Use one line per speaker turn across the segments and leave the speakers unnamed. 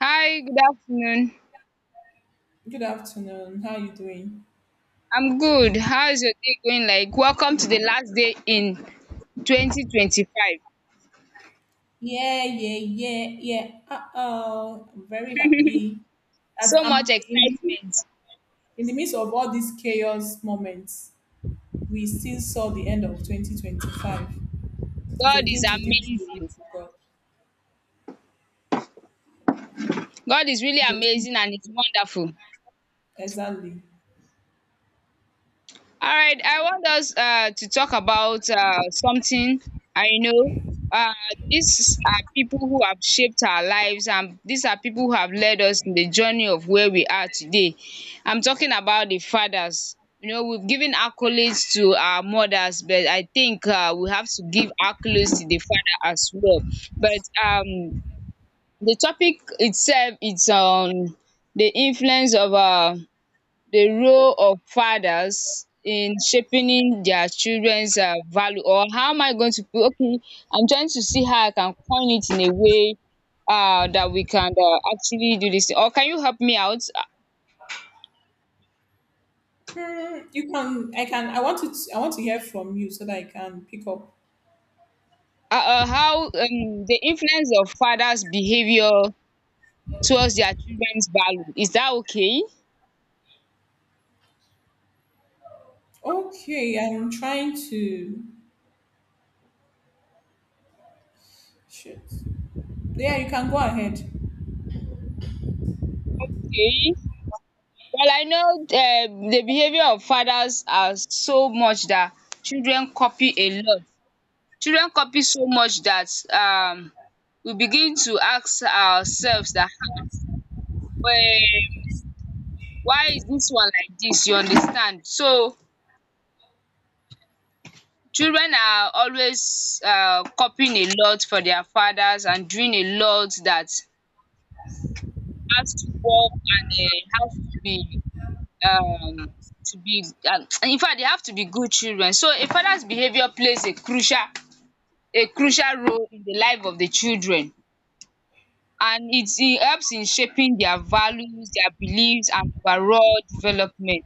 Hi, good afternoon.
Good afternoon. How are you doing?
I'm good. How is your day going like? Welcome to the last day in 2025.
Yeah, yeah, yeah, yeah. Uh-oh. I'm very happy that
So
I'm
much
in,
excitement.
in the midst of all these chaos moments. We still saw the end of 2025. It's a
God is
thing to give glory
amazing.
to God.
God is really
It's a thing-
amazing and it's wonderful.
exactly.
All right, I want us to talk about something I know. Uh, these are people who have shaped our lives, and these are people who have led us in the journey of where we are today. I'm talking about the fathers. You know, we've given accolades to our mothers, but I think we have to give accolades to the father as well. But the topic itself is on the influence of the role of fathers in shaping their children's value, or how am I going to put? Okay, I'm trying to see how I can coin it in a way that we can actually do this, or can you help me out?
Hmm, you can, I want to hear from you so that I can pick up.
How the influence of fathers behaviour towards their children's value, is that okay?
Okay, I'm trying to, shit. Yeah, you can go ahead.
Okay, well I know the behaviour of fathers are so much that children copy a lot. Children copy so much that we begin to ask ourselves that um why is dis one like dis, you understand. So children are always copying a lot from their fathers and doing a lot that has to work and has to be um to be infact they have to be good children. So a father's behaviour plays a crucial role in the life of the children, and it helps in shaping their values, their beliefs and overall development.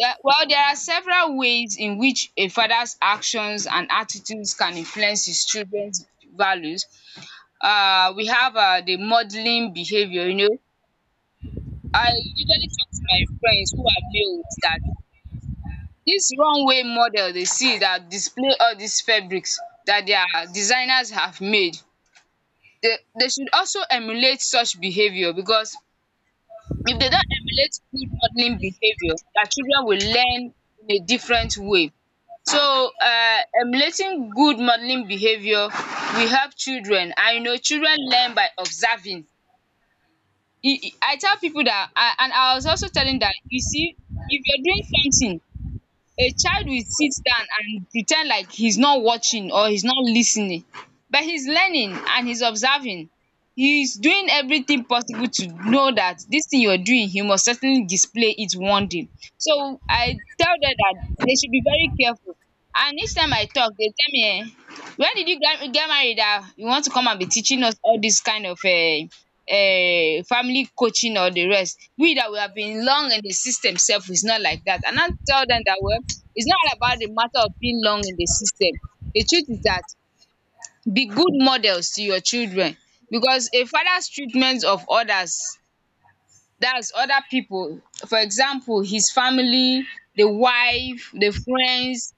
There are several ways in which a father's actions and attitudes can influence his children's values. We have the modelling behaviour, you know. I usually talk to my friends who are males that this runway model they see that display all these fabrics that their designers have made. They should also emulate such behaviour because if they don't emulate good modeling behaviour, their children will learn in a different way. So emulating good modeling behaviour will help children, and you know children learn by observing. I tell pipu dat, and I was also telling dat, you see, if you're doing something a child will sit down and pre ten d like he's not watching or he's not lis ten ing, but he's learning and he's observing. He's doing everything possible to know that dis thing you're doing you must certainly display it one day. So I tell dem dat they should be very careful, and each time I talk dey tell me when did you get married dat you want to come and be teaching us all dis kind of family coaching or the rest. We that we have been long in the system self is not like that. And I tell them that well, it's not all about the matter of being long in the system. The truth is that be good models to your children, because a father's treatment of others, that's other people, for example his family, the wife, the friends,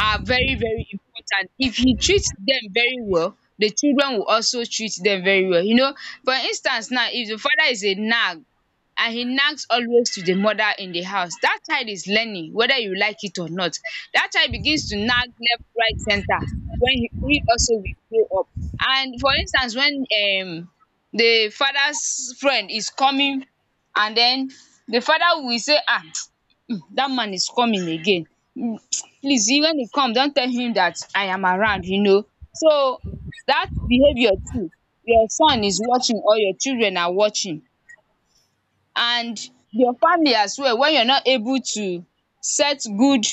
are very very important. If you treat dem very well, the children will also treat dem very well. You know, for instance now, if the father is a nag and he nags always to the mother in the house, dat child is learning whether you like it or not. Dat child begins to nag left, right, centre when he also will grow up. And for instance when the father's friend is coming and den the father will say dat man is coming again. Mm, Please when he come don tell him dat I am around, you know. So dat behaviour too, your son is watching or your children are watching, and your family as well. When you are not able to set good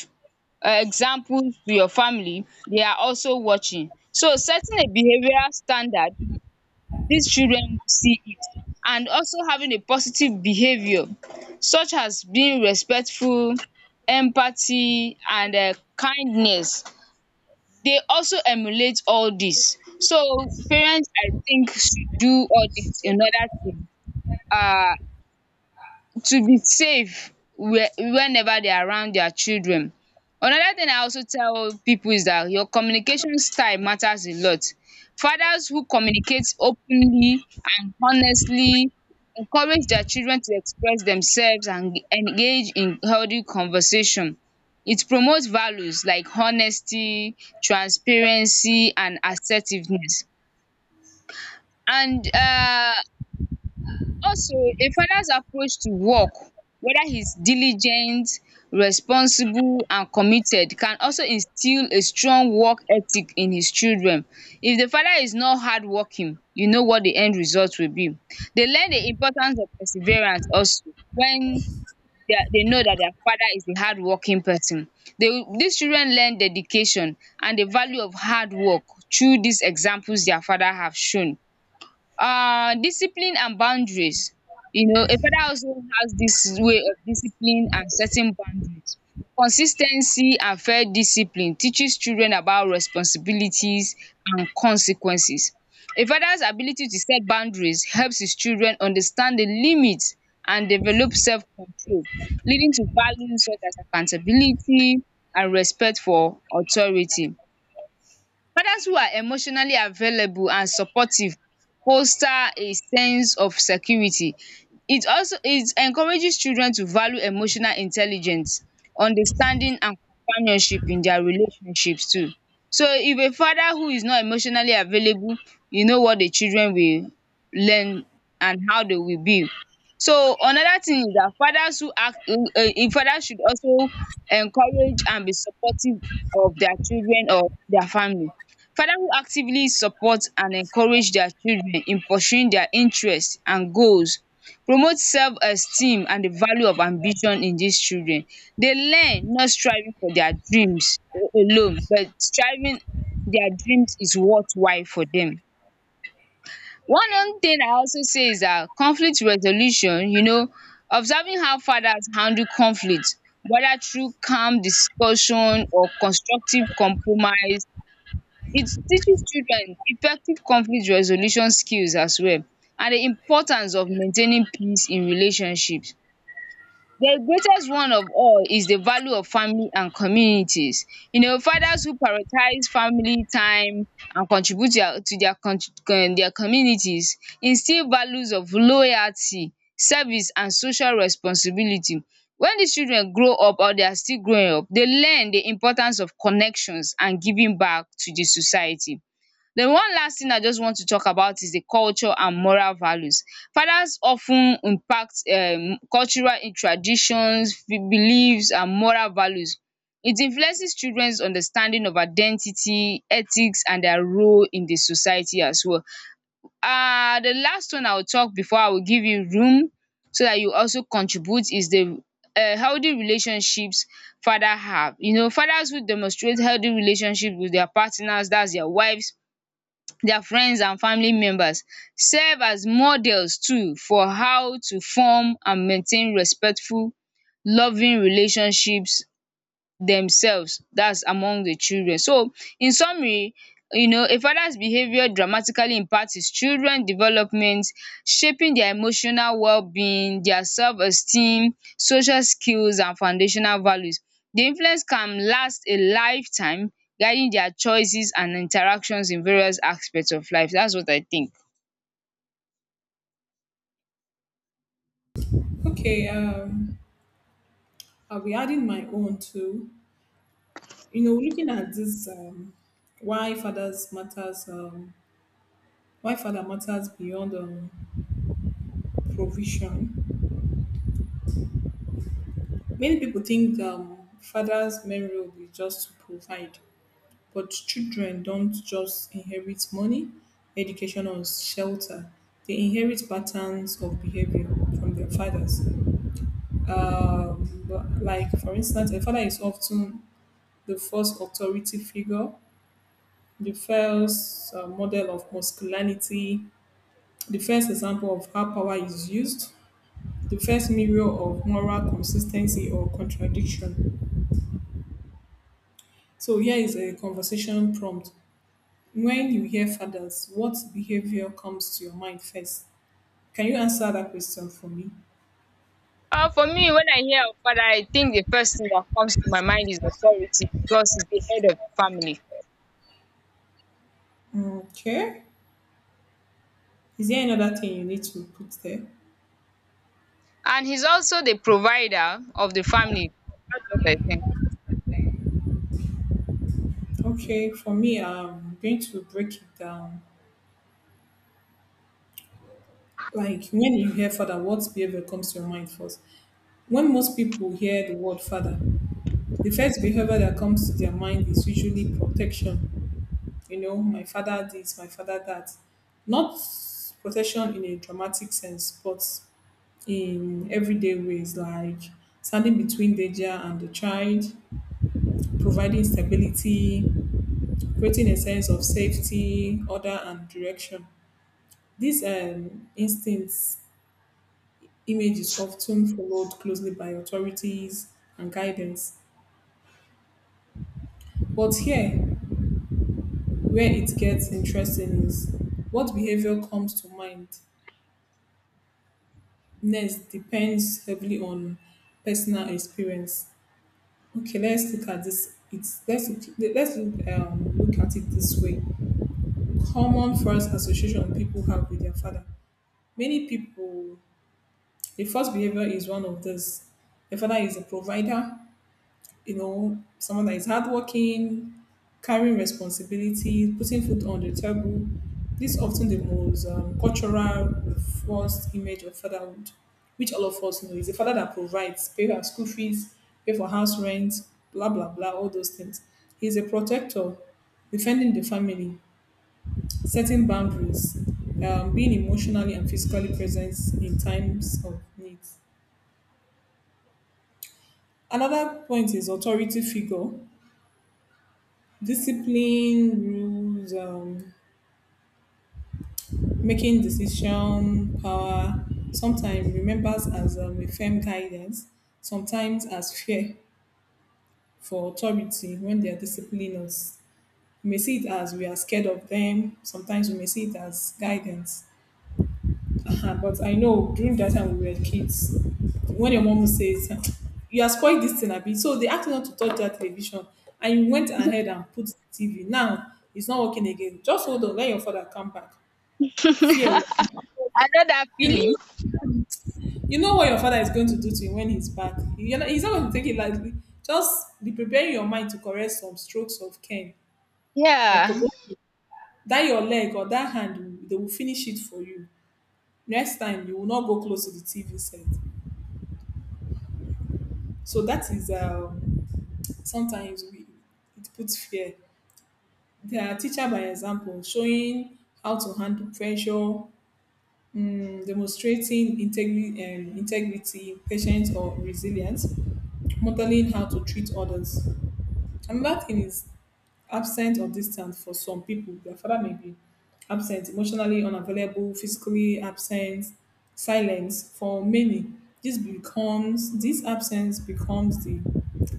example to your family they are also watching. So setting a behavioural standard, these children see it, and also having a positive behaviour such as being respectful, empathy and kindness. They also emulate all these. So parents I think should do all these in order to um be safe where whenever they are around their children. Another thing I also tell people is that your communication style matters a lot. Fathers who communicate openly and honestly encourage their children to express themselves and engage in healthy conversation. It promotes values like honesty, transparency and assertiveness. And Also, a father's approach to work, whether he's diligent, responsible, and committed, can also instill a strong work ethic in his children. If the father is not hardworking, you know what the end result will be. They learn the importance of perseverance also when they know that their father is a hardworking person. These children learn dedication and the value of hard work through these examples their father have shown. Discipline and boundaries, you know a father also has this way of discipline and setting boundaries. Consis ten cy and fair discipline teaches children about responsibilities and consequences. A father's ability to set boundaries helps his children understand the limit and develop self control, leading to values such as accountability and respect for authority. Fathers who are emotionally available and supportive foster a sense of security. It encourages children to value emotional intelligence, understanding and companionship in their relationships too. So if a father who is not emotionally available, you know what the children will learn and how they will be. So another thing is that fathers who act fathers should also encourage and be supportive of their children or their family. Fathers who actively support and encourage their children in pursuing their interests and goals promote self-esteem and the value of ambition in these children. They learn not striving for their dreams alone, but striving their dreams is worthwhile for them. One other thing I also say is that conflict resolution, you know, observing how fathers handle conflict, whether through calm discussion or constructive compromise, it teaches children effective conflict resolution skills as well, and the importance of maintaining peace in relationships. The greatest one of all is the value of family and communities. You know fathers who prioritize family time and contribute their their communities instill values of loyalty, service and social responsibility. When dis children grow up or they are still growing up, they learn the importance of connections and giving back to the society. Then one last thing I just want to talk about is the culture and moral values. Fathers of ten impact cultural in traditions, beliefs and moral values. It influences children's understanding of identity, ethics and their role in the society as well. The last one I will talk before I will give you room so that you also contribute is the healthy relationships father have. You know fathers who demonstrate healthy relationship with their partners, dats their wives, their friends and family members, serve as models too for how to form and maintain respectful loving relationships themselves, that's among the children. So in summary, you know a father's behavior dramatically impacts his children development, shaping their emotional well-being, their self-esteem, social skills and foundational values. The influence can last a lifetime, guiding their choices and interactions in various aspects of life. That's what I think.
Okay, um, I'll be adding my own too. You know, looking at this, why fathers matters, why father matters beyond provision. Many people think father's main role is just to provide, but children don't just inherit money, education, or shelter. They inherit patterns of behavior from their fathers. Um, like, for instance, a father is often the first authority figure, the first model of masculinity, the first example of how power is used, the first mirror of moral consistency or contradiction. So here is a conversation prompt. When you hear fathers, what behavior comes to your mind first? Can you answer that question for me?
For me, when I hear of father, I think the first thing that comes to my mind is authority, because he's the head of the family.
Okay. Is there another thing you need to put there?
And he's also the provider of the family. That's what I think.
Okay, for me, I'm going to break it down. Like, when you hear father, what behavior comes to your mind first? When most people hear the word father, the first behavior that comes to their mind is usually protection. You know, my father this, my father that. Not protection in a dramatic sense, but in everyday ways, like standing between danger and the child, providing stability, creating a sense of safety, order, and direction. These instincts image is often followed closely by authorities and guidance. But here, where it gets interesting is what behavior comes to mind next depends heavily on personal experience. Okay, let's look at this. Let's look at it this way. Common first association people have with their father. Many people, the first behavior is one of this. The father is a provider, you know, someone that is hardworking, carrying responsibility, putting food on the table. This is often the most cultural first image of fatherhood, which all of us know. It's a father that provides, pay our school fees, pay for house rent, blah, blah, blah, all those things. He's a protector, defending the family, setting boundaries, being emotionally and physically present in times of need. Another point is authority figure, discipline, rules, making decision power, sometimes remembers as a firm guidance, sometimes as fear for authority. When they are disciplining us, we may see it as we are scared of them; sometimes we may see it as guidance. Uh-huh. But I know during that time we were kids, when your mom says you are spoiled, this thing abi, so they asked you not to touch that television and you went ahead and put the TV, now it's not working again. Just hold on, let your father come back. Fear.
I know that
You
feeling.
know, you know what your father is going to do to you when he's back. You're not, He's not going to take it lightly. Just be preparing your mind to correct some strokes of cane or
Yeah.
kobodo.
A
That your leg or that hand, they will finish it for you. Next time, you will not go close to the TV set. So that is sometimes we, it puts fear. They are teacher by example, showing how to handle pressure, mm, demonstrating integrity, patience, or resilience, modeling how to treat others. Another thing is absent or distant. For some people, their father may be absent, emotionally unavailable, physically absent, silence. For many, this becomes this absence becomes the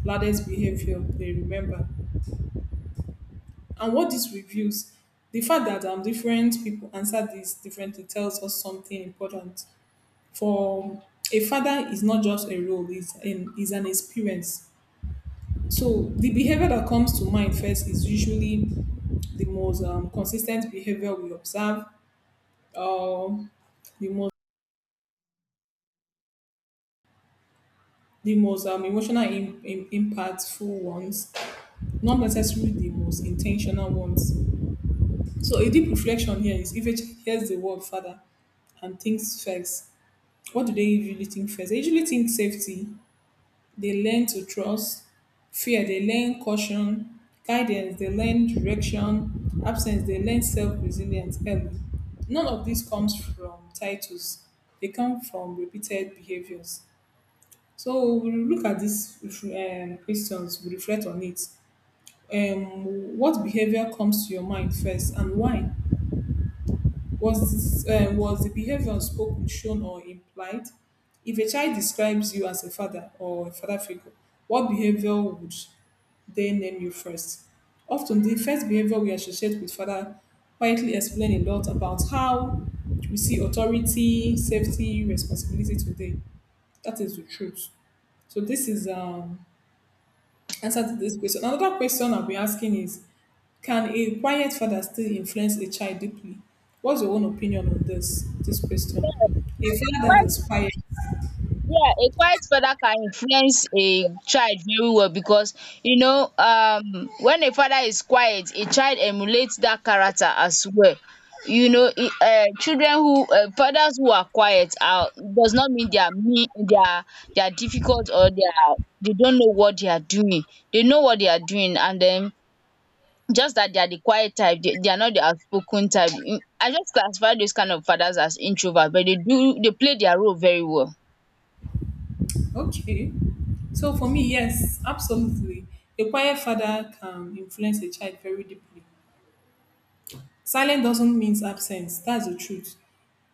loudest behavior they remember. And what this reveals, the fact that different people answer this differently, tells us something important. For a father is not just a role, is an experience. So the behavior that comes to mind first is usually the most consistent behavior we observe, um, the most the most emotional impactful ones, not necessarily the most intentional ones. So a deep reflection here is, if a child hears the word father and thinks first, what do they usually think first? They usually think safety. They learn to trust. Fear, they learn caution. Guidance, they learn direction. Absence, they learn self resilience early. None of this comes from titles, they come from repeated behaviors. So we look at these questions, we reflect on it. What behavior comes to your mind first and why? Was was the behavior spoken, shown, or implied? If a child describes you as a father or a father figure, what behavior would they name you first? Often, the first behavior we associate with father quietly explain a lot about how we see authority, safety, responsibility today. That is the truth. So this is answer to this question. Another question I'll be asking is, can a quiet father still influence a child deeply? What's your own opinion on this question? A father that
quiet
is
father,
quiet.
yeah, a quiet father can influence a child very well, because you know, when a father is quiet, a child emulates that character as well. You know, children who fathers who are quiet are does not mean they are mean, they are difficult, or they don't know what they are doing. They know what they are doing, and then just that they are the quiet type. They are not the outspoken type. I just classify those kind of fathers as introvert, but they do, they play their role very well.
Okay. So for me, yes, absolutely. A quiet father can influence a child very deeply. Silence doesn't mean absence. That's the truth.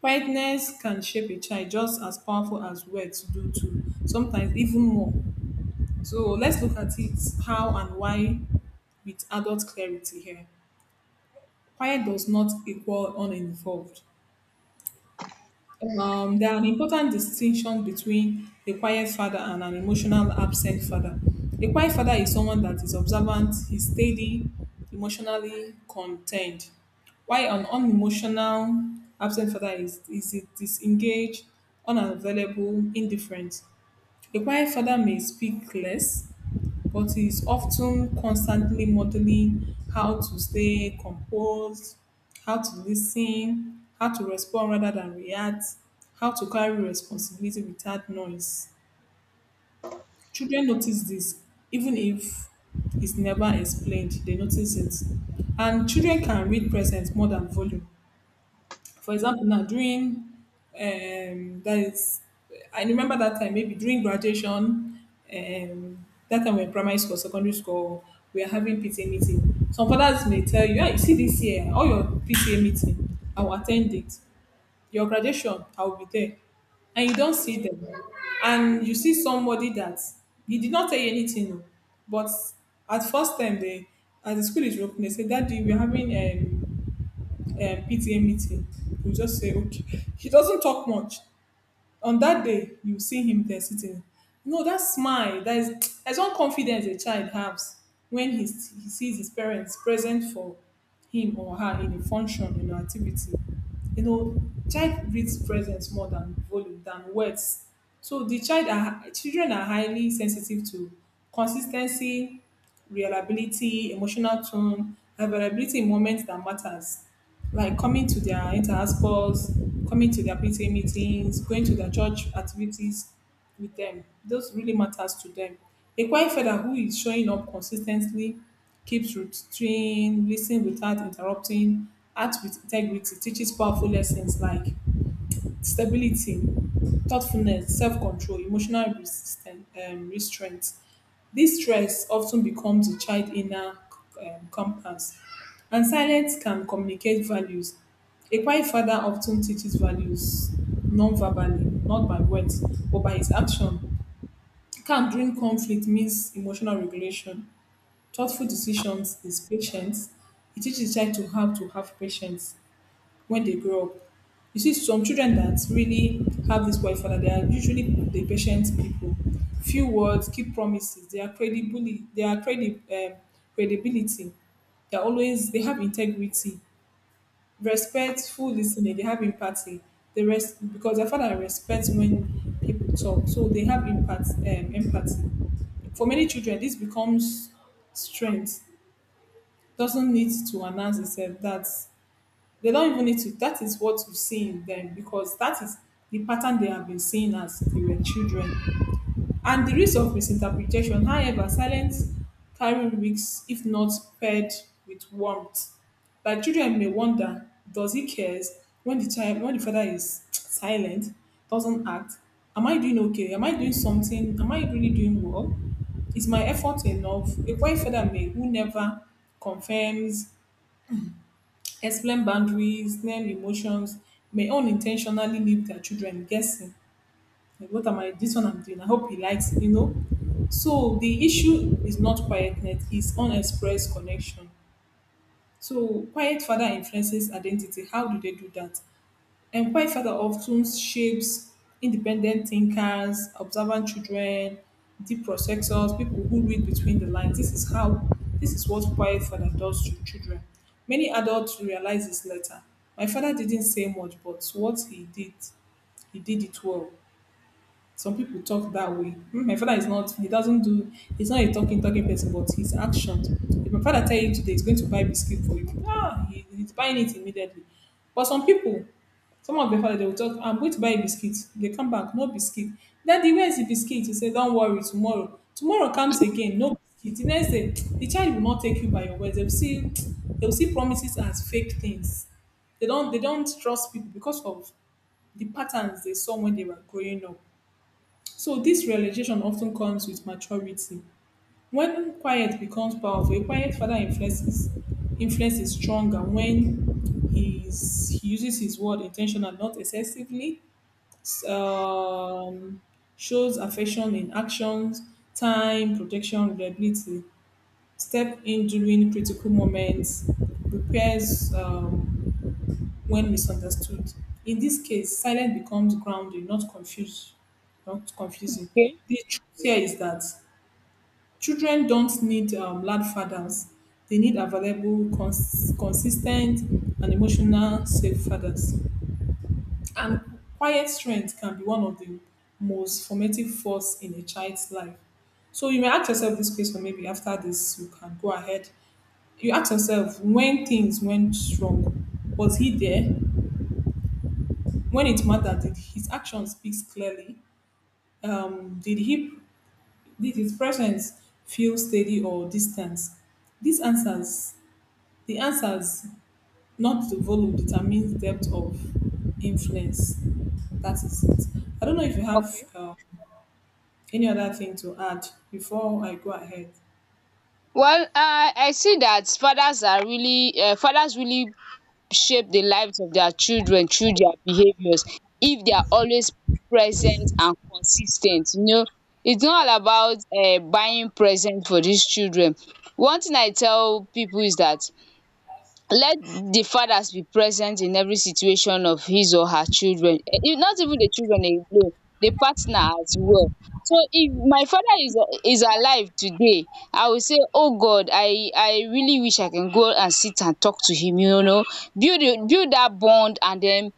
Quietness can shape a child just as powerful as words do too, sometimes even more. So let's look at it, how and why, with adult clarity here. Quiet does not equal uninvolved. There are an important distinction between a quiet father and an emotional absent father. A quiet father is someone that is observant, he's steady, emotionally contained, while an unemotional absent father is disengaged, unavailable, indifferent. A quiet father may speak less, but is of ten constantly modeling how to stay composed, how to lis ten, how to respond rather than react, how to carry responsibility without noise. Children notice this, even if it's never explained, they notice it. And children can read presence more than volume. For example, now during that is I remember that time, maybe during graduation, that time we we're in primary school, secondary school, we are having PTA meeting. Some fathers may tell you, "Ah, you see this year, all your PTA meeting, I will attend it. Your graduation, I will be there." And you don't see them. And you see somebody that he did not tell you anything, oh, but at first time they, as the school is open, they say, "Daddy, we're having PTA meeting," he'll just say, okay. He doesn't talk much. On that day, you see him there sitting. No, that smile, there's one confidence a child has when he sees his parents present for him or her in a function, in an activity. You know, child reads presence more than volume, than words. So children are highly sensitive to consistency, reliability, emotional tone, availability in moments that matters, like coming to their interspores, coming to their PTA meetings, going to their church activities with them. Those really matters to them. A quiet father who is showing up consistently, keeps routine, listens without interrupting, acts with integrity, teaches powerful lessons like stability, thoughtfulness, self-control, emotional resistance, restraint. This stress often becomes the child inner compass, and silence can communicate values. A quiet father often teaches values non-verbally, not by words, but by his action. Calm during conflict means emotional regulation. Thoughtful decisions is patience. It teaches the child to have patience when they grow up. You see, some children that really have this white father, they are usually the patient people. Few words, keep promises. They are credibility. Credibility. They are always. They have integrity, respectful listening. They have empathy. They rest because their father respects when people talk, so they have empathy. For many children, this becomes strength. Doesn't need to announce itself. That's they don't even need to that is what you see in them, because that is the pattern they have been seeing as they were children. And the risk of misinterpretation, however, silence carry risks if not paired with warmth. Like, children may wonder, does he cares, when the father is silent, doesn't act. Am I doing okay? Am I doing something? Am I really doing well? Is my effort enough? A quiet father may, who never confirms, explain boundaries, name emotions, may unintentionally leave their children guessing. Like, what am I? This one I'm doing, I hope he likes it, you know. So the issue is not quietness, it's unexpressed connection. So quiet father influences identity. How do they do that? Employed father often shapes independent thinkers, observant children, deep processors, people who read between the lines. This is what quiet father does to children. Many adults realize this later. My father didn't say much, but what he did it well. Some people talk that way. My father is not, he doesn't he's not a talking, talking person, but his actions. If my father tell you today he's going to buy biscuit for you, he's buying it immediately. But some some of their father, they will talk, I'm going to buy a biscuit. They come back, no biscuit. Daddy, where's the biscuit? You say, don't worry, tomorrow. Tomorrow comes again, no biscuit. The next day, the child will not take you by your words. They'll see promises as fake things. They don't trust people because of the patterns they saw when they were growing up. So this realization often comes with maturity. When quiet becomes powerful, a quiet father influence is stronger when he uses his word intentional, not excessively. s- Um, Shows affection in actions, time, protection, reliability. Step in during critical moments, repairs. When misunderstood. In this case, silence becomes grounding, not not confusing.
Okay.
The truth here is that children don't need loud fathers; they need available, consistent, and emotional safe fathers. And quiet strength can be one of the most formative force in a child's life. So you may ask yourself this question maybe after this you can go ahead. You ask yourself when things went wrong, was he there? When it mattered, did his action speaks clearly? Did he did his presence feel steady or distant? These answers, the answers, not the volume, determines depth of influence. That is it. I don't know if you have
Okay.
any other thing to add before I go ahead.
Well, I see that fathers are really fathers really shape the lives of their children through their behaviors if they are always present and consistent. You know, it's not all about buying present for these children. One thing I tell people is that let the fathers be present in every situation of his or her children. Eh, not even the children alone, the partner as well. So if my father is alive today, I will say oh god, I really wish I can go and sit and talk to him, you know, build a- build that bond, and then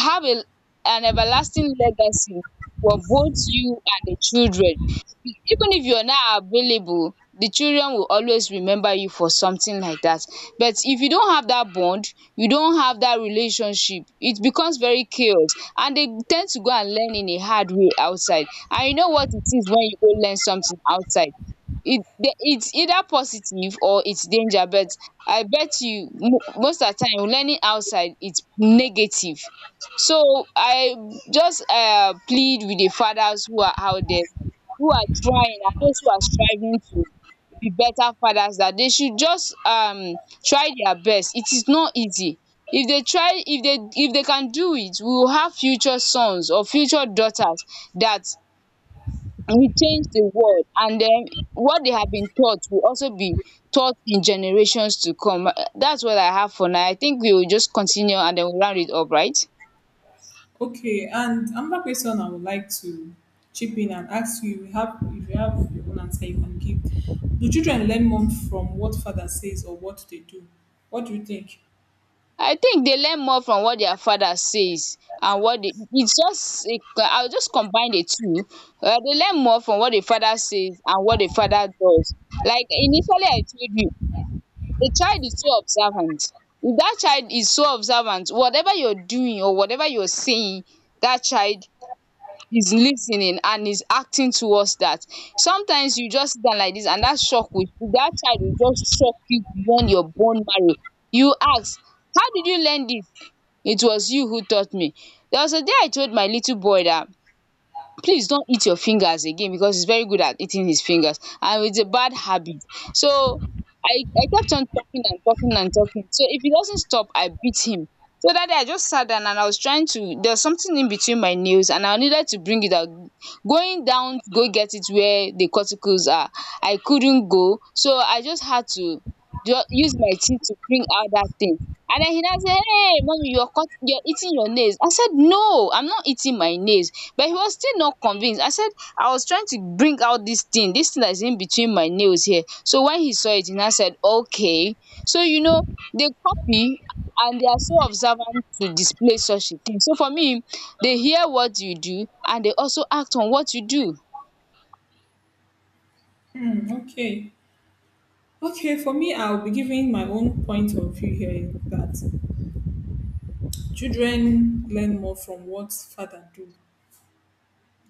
have a an everlasting legacy for both you and the children. Even if you're not available the children will always remember you for something like that. But if you don't have that bond, you don't have that relationship, it becomes very chaos, and they tend to go and learn in a hard way outside. And you know what it is, when you go learn something outside it's either positive or it's danger. But I bet you most at time learning outside it's negative. So I just plead with the fathers who are out there, who are trying and those who are striving to be better fathers, that they should just try their best. It is not easy. If they try, if they can do it, we will have future sons or future daughters that will change the world, and then what they have been taught will also be taught in generations to come. That's what I have for now. I think we will just continue and then we'll round it up, right?
Okay, and another question I would like to chip in and ask you: you have if you have your own answer, you can give. Do children learn more from what father says or what they do? What do you think?
I think they learn more from what their father says, and what they, it's just a, I'll just combine the two. They learn more from what the father says and what the father does. Like initially I told you, the child is so observant. If that child is so observant, whatever you're doing or whatever you're saying, that child is listening and is acting towards that. Sometimes you just sit down like this and that shock will, that child will just shock you beyond your bone marrow. You ask, how did you learn this? It was you who taught me. There was a day I told my little boy that please don't eat your fingers again, because he's very good at eating his fingers and it's a bad habit. So I kept on talking and talking and talking. So if he doesn't stop I beat him. So that day I just sat down and I was trying to, there's something in between my nails and I needed to bring it out. Going down to go get it where the cuticles are, I couldn't go, so I just had to use my teeth to bring out that thing. And then he now said, hey mommy you're cut, you're eating your nails. I said no, I'm not eating my nails. But he was still not convinced. I said I was trying to bring out this thing, this thing that is in between my nails here. So when he saw it he now said okay. So you know they copy, and they are so observant to display such a thing. So for me, they hear what you do and they also act on what you do.
Hmm, okay, okay. For me, I'll be giving my own point of view here that children learn more from what father do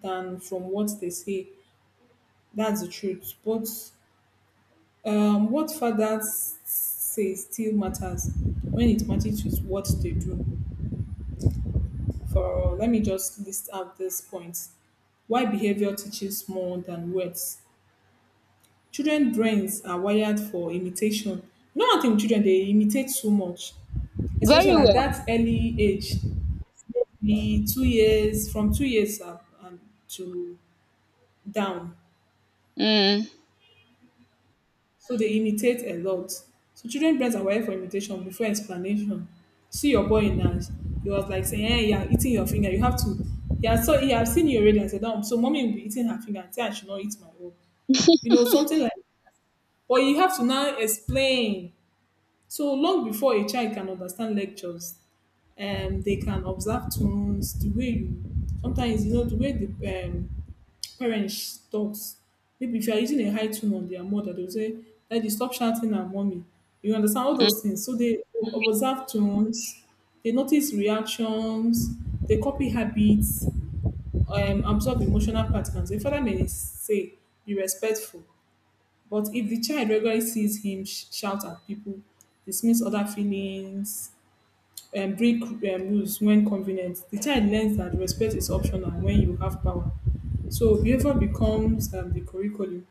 than from what they say. That's the truth. But what father says still matters when it matches with what they do. For let me just list out these points. Why behavior teaches more than words. Children brains are wired for imitation. You know one thing children, they imitate so much, especially
Very
at
well.
that early age, the 2 years, from 2 years up and to down.
mm,
So they imitate a lot. So children brains are wired for imitation before explanation. See your boy in dance. He was like saying, "Hey, you're eating your finger. You have to." Yeah, so he have seen you already and said, so mommy will be eating her finger and say I should not eat my own. You know, something like or you have to now explain. So long before a child can understand lectures, they can observe tunes, the way you sometimes you know the way the parents talks. Maybe if you are using a high tone on their mother, they'll say, "Daddy, stop shouting at mommy." You understand all those
mm
things. So they observe tones, they notice reactions, they copy habits, absorb emotional patterns. The father may say, be respectful. But if the child regularly sees him shout at people, dismiss other feelings, and break rules when convenient, the child learns that respect is optional when you have power. So behavior becomes the curriculum.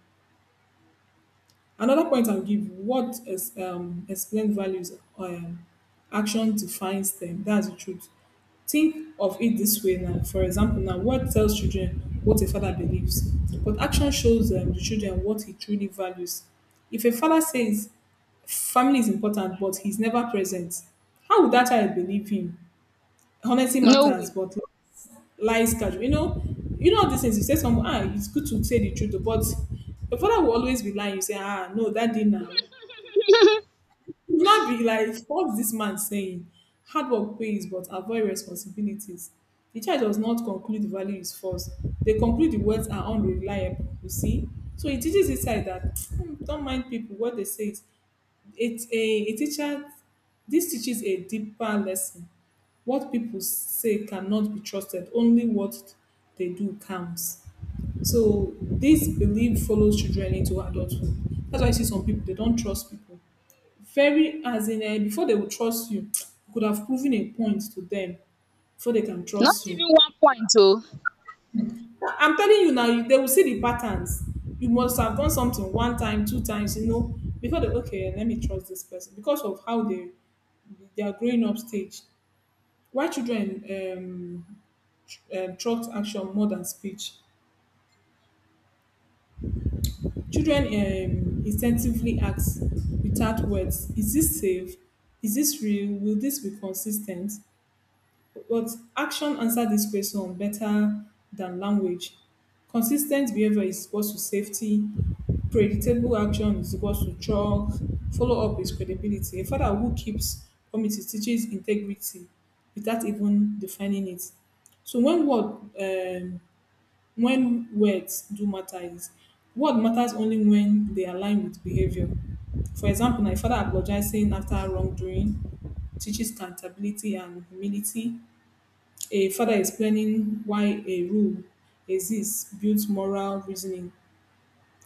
Another point I'll give you, what is explained values, action defines them. That's the truth. Think of it this way now. For example, now word tells children what a father believes, but action shows the children what he truly values. If a father says family is important but he's never present, how would that child believe him? Honesty
no
matters,
way.
but lies casual. You know all these things. You say someone, ah, it's good to say the truth, but your father will always be lying. You say, ah, no, daddy now. You will not be like, what's this man saying? Hard work pays, but avoid responsibilities. The child does not conclude the value is false. They conclude the words are unreliable, you see. So it teaches this side that "Hmm, don't mind people, what they say." is It a teacher This teaches a deeper lesson. What people say cannot be trusted. Only what they do counts. So this belief follows children into adulthood. That's why I see some people they don't trust people. Very as in eh, before they will trust you, you could have proven a point to them before they can
Not
trust you.
even one point. Oh, all
I'm telling you now, you, they will see the patterns. You must have done something one time, two times, you know, before they okay, let me trust this person because of how they their growing up stage. Why children trust action more than speech? Children instinctively ask without words: Is this safe? Is this real? Will this be consistent? But action answer this question better than language. Consistent behavior is equals to safety. Predictable action is equals to trust. Follow up is credibility. A father who keeps promises teaches integrity without even defining it. So when word when words do matter is word matters only when they align with behavior. For example, now a father apologizing after wrongdoing teaches accountability and humility, a father explaining why a rule exists builds moral reasoning.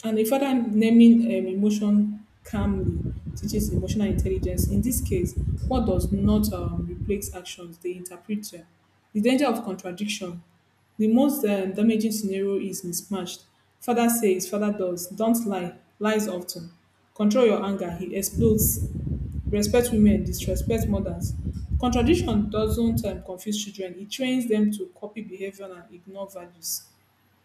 And a father naming emotion calmly teaches emotional intelligence. In this case, what does not replace actions, they interpret them. The danger of contradiction. The most damaging scenario is mismatched. Father says, father does. Don't lie. Lies often. Control your anger. He explodes, respect women, disrespect mothers. Contradiction doesn't confuse children, it trains them to copy behavior and ignore values.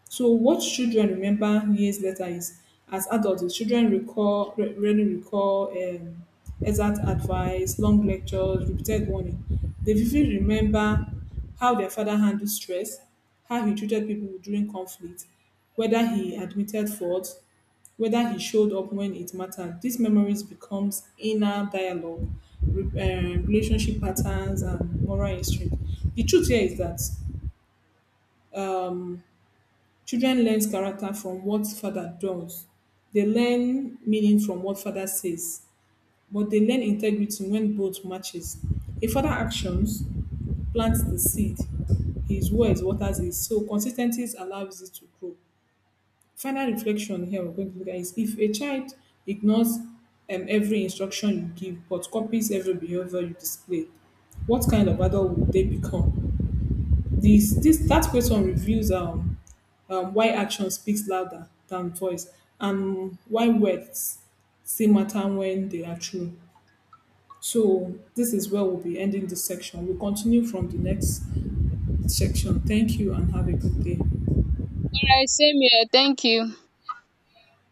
So what children remember years later is, as adults, is children rarely recall exact advice, long lectures, repeated warning. They vividly remember how their father handled stress, how he treated people during conflict, whether he admitted fault, whether he showed up when it mattered. These memories becomes inner dialogue, re- relationship patterns, and moral instinct. The truth here is that um, children learns character from what father does, they learn meaning from what father says, but they learn integrity when both matches. A father actions plants the seed, his words waters it, so consis allows it to grow. Final reflection here we're going to look at is if a child ignores every instruction you give but copies every behavior you display, what kind of adult would they become? This, this that question reveals why action speaks louder than voice, and why words still matter when they are true. So this is where we'll be ending this section. We'll continue from the next section. Thank you and have a good day.
right, same here, thank you.